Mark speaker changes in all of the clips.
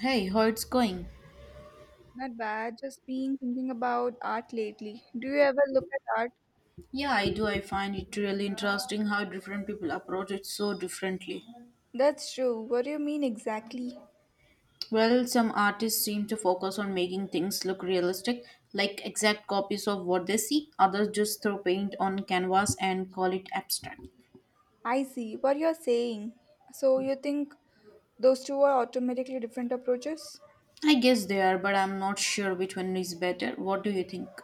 Speaker 1: Hey, how it's going?
Speaker 2: Not bad, just been thinking about art lately. Do you ever look at art?
Speaker 1: Yeah, I do. I find it really interesting how different people approach it so differently.
Speaker 2: That's true. What do you mean exactly?
Speaker 1: Well, some artists seem to focus on making things look realistic, like exact copies of what they see. Others just throw paint on canvas and call it abstract.
Speaker 2: I see what you're saying. So you think those two are automatically different approaches?
Speaker 1: I guess they are, but I'm not sure which one is better. What do you think?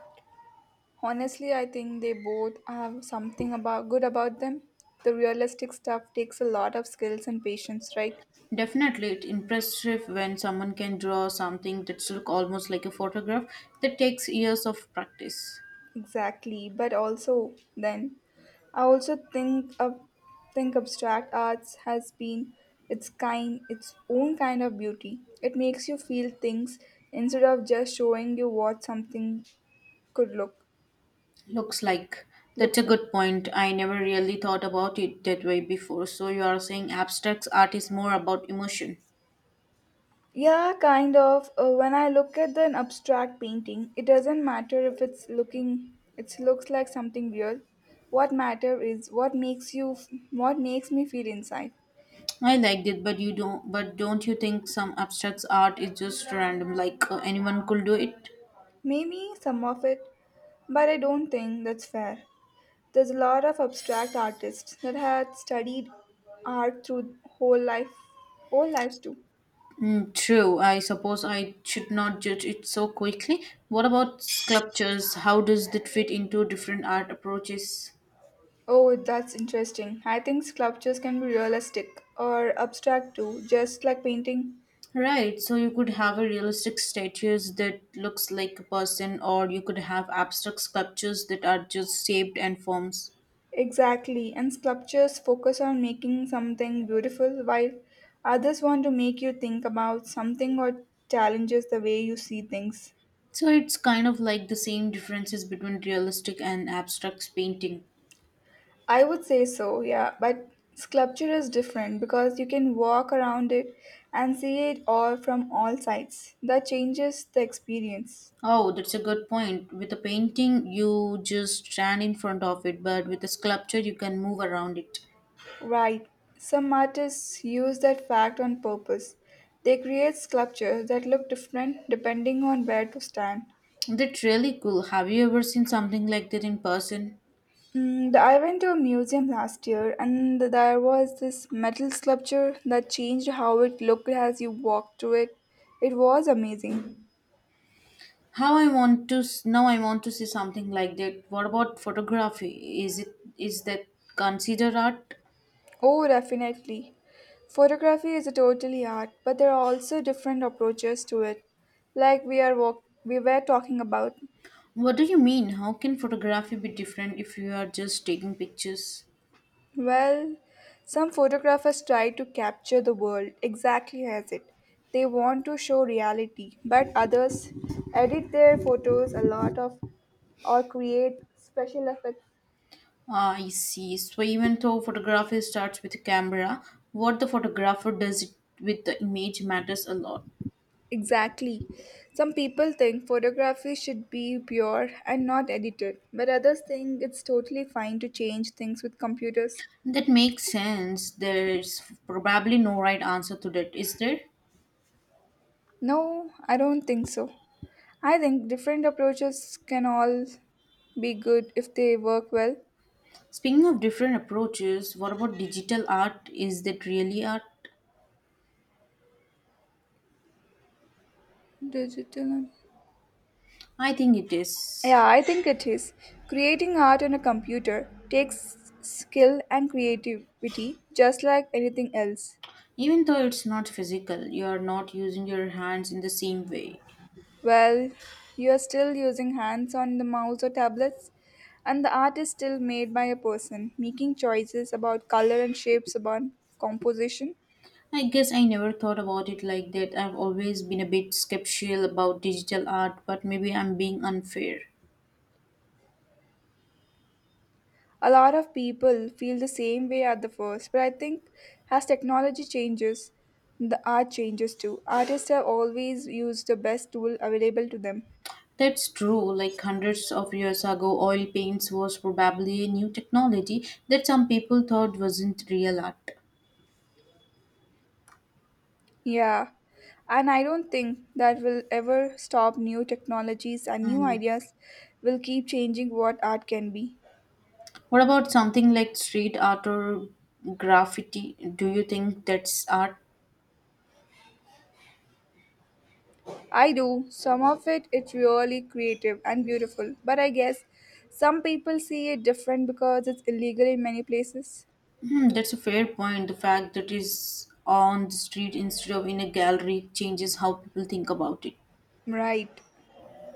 Speaker 2: Honestly, I think they both have something about good about them. The realistic stuff takes a lot of skills and patience, right?
Speaker 1: Definitely, it's impressive when someone can draw something that's look almost like a photograph that takes years of practice.
Speaker 2: Exactly, but also then I also think of think abstract arts has been its own kind of beauty. It makes you feel things instead of just showing you what something could look
Speaker 1: Looks like that's
Speaker 2: look
Speaker 1: a
Speaker 2: like.
Speaker 1: good point. I never really thought about it that way before. So you are saying abstract art is more about emotion.
Speaker 2: Yeah, kind of. When I look at an abstract painting, it doesn't matter if it looks like something real. What matter is what makes me feel inside.
Speaker 1: I liked it, but you don't. But don't you think some abstract art is just random? Like anyone could do it.
Speaker 2: Maybe some of it. But I don't think that's fair. There's a lot of abstract artists that had studied art through whole lives too.
Speaker 1: Mm, true. I suppose I should not judge it so quickly. What about sculptures? How does that fit into different art approaches?
Speaker 2: Oh, that's interesting. I think sculptures can be realistic or abstract too, just like painting.
Speaker 1: Right, so you could have a realistic statues that looks like a person, or you could have abstract sculptures that are just shaped and forms.
Speaker 2: Exactly. And sculptures focus on making something beautiful while others want to make you think about something or challenges the way you see things.
Speaker 1: So it's kind of like the same differences between realistic and abstract painting.
Speaker 2: I would say so, yeah. But sculpture is different because you can walk around it and see it all from all sides. That changes the experience.
Speaker 1: Oh, that's a good point. With a painting, you just stand in front of it, but with a sculpture, you can move around it.
Speaker 2: Right. Some artists use that fact on purpose. They create sculptures that look different depending on where to stand.
Speaker 1: That's really cool. Have you ever seen something like that in person?
Speaker 2: Mm, I went to a museum last year and there was this metal sculpture that changed how it looked as you walked through it. It was amazing.
Speaker 1: How I want to now I want to see something like that. What about photography? Is that considered art?
Speaker 2: Oh, definitely. Photography is a totally art, but there are also different approaches to it, like we were talking about.
Speaker 1: What do you mean? How can photography be different if you are just taking pictures?
Speaker 2: Well, some photographers try to capture the world exactly as it. They want to show reality, but others edit their photos a lot of or create special effects.
Speaker 1: Ah, I see. So even though photography starts with a camera, what the photographer does it with the image matters a lot.
Speaker 2: Exactly. Some people think photography should be pure and not edited, but others think it's totally fine to change things with computers.
Speaker 1: That makes sense. There's probably no right answer to that, is there?
Speaker 2: No, I don't think so. I think different approaches can all be good if they work well.
Speaker 1: Speaking of different approaches, what about digital art? Is that really art?
Speaker 2: Digital and
Speaker 1: I think it is.
Speaker 2: yeah, I think it is. Creating art on a computer takes skill and creativity just like anything else.
Speaker 1: Even though it's not physical, you are not using your hands in the same way.
Speaker 2: Well, you are still using hands on the mouse or tablets, and the art is still made by a person, making choices about color and shapes about composition.
Speaker 1: I guess I never thought about it like that. I've always been a bit skeptical about digital art, but maybe I'm being unfair.
Speaker 2: A lot of people feel the same way at the first, but I think as technology changes, the art changes too. Artists have always used the best tool available to them.
Speaker 1: That's true. Like hundreds of years ago, oil paints was probably a new technology that some people thought wasn't real art.
Speaker 2: Yeah, and I don't think that will ever stop. New technologies and new
Speaker 1: Mm.
Speaker 2: ideas will keep changing what art can be.
Speaker 1: What about something like street art or graffiti? Do you think that's art?
Speaker 2: I do. Some of it's really creative and beautiful, but I guess some people see it different because it's illegal in many places.
Speaker 1: Hmm, that's a fair point. The fact that it's on the street instead of in a gallery changes how people think about it.
Speaker 2: Right.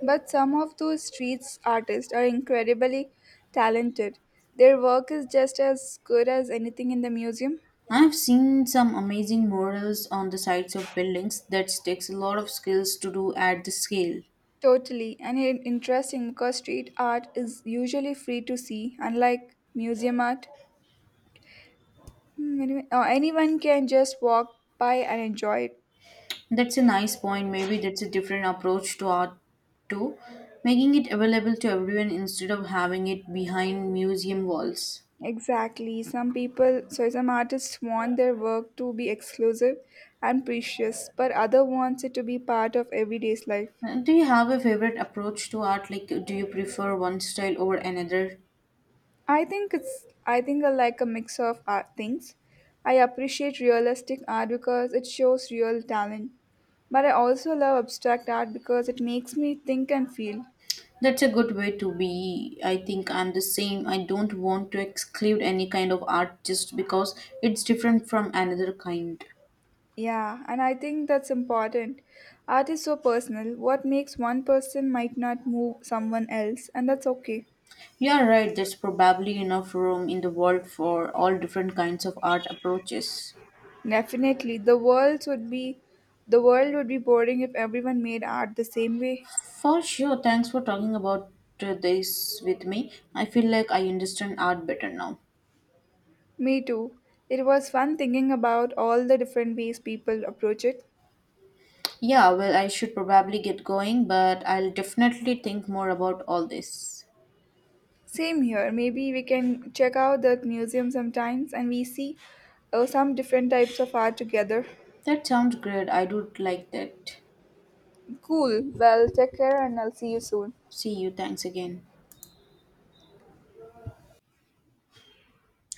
Speaker 2: But some of those street artists are incredibly talented. Their work is just as good as anything in the museum.
Speaker 1: I've seen some amazing murals on the sides of buildings that takes a lot of skills to do at the scale.
Speaker 2: Totally, and it interesting because street art is usually free to see, unlike museum art. Anyone can just walk by and enjoy it.
Speaker 1: That's a nice point. Maybe that's a different approach to art too, making it available to everyone instead of having it behind museum walls.
Speaker 2: Exactly. Some people, so some artists want their work to be exclusive and precious, but other wants it to be part of everyday's life.
Speaker 1: Do you have a favorite approach to art? Like, do you prefer one style over another?
Speaker 2: I think I like a mix of art things. I appreciate realistic art because it shows real talent, but I also love abstract art because it makes me think and feel.
Speaker 1: That's a good way to be. I think I'm the same. I don't want to exclude any kind of art just because it's different from another kind.
Speaker 2: Yeah, and I think that's important. Art is so personal. What makes one person might not move someone else, and that's okay.
Speaker 1: You're right, there's probably enough room in the world for all different kinds of art approaches.
Speaker 2: Definitely. The world would be boring if everyone made art the same way.
Speaker 1: For sure, thanks for talking about this with me. I feel like I understand art better now.
Speaker 2: Me too. It was fun thinking about all the different ways people approach it.
Speaker 1: Yeah, well, I should probably get going, but I'll definitely think more about all this.
Speaker 2: Same here. Maybe we can check out the museum sometimes and we see some different types of art together.
Speaker 1: That sounds great. I do like that.
Speaker 2: Cool. Well, take care and I'll see you soon.
Speaker 1: See you. Thanks again.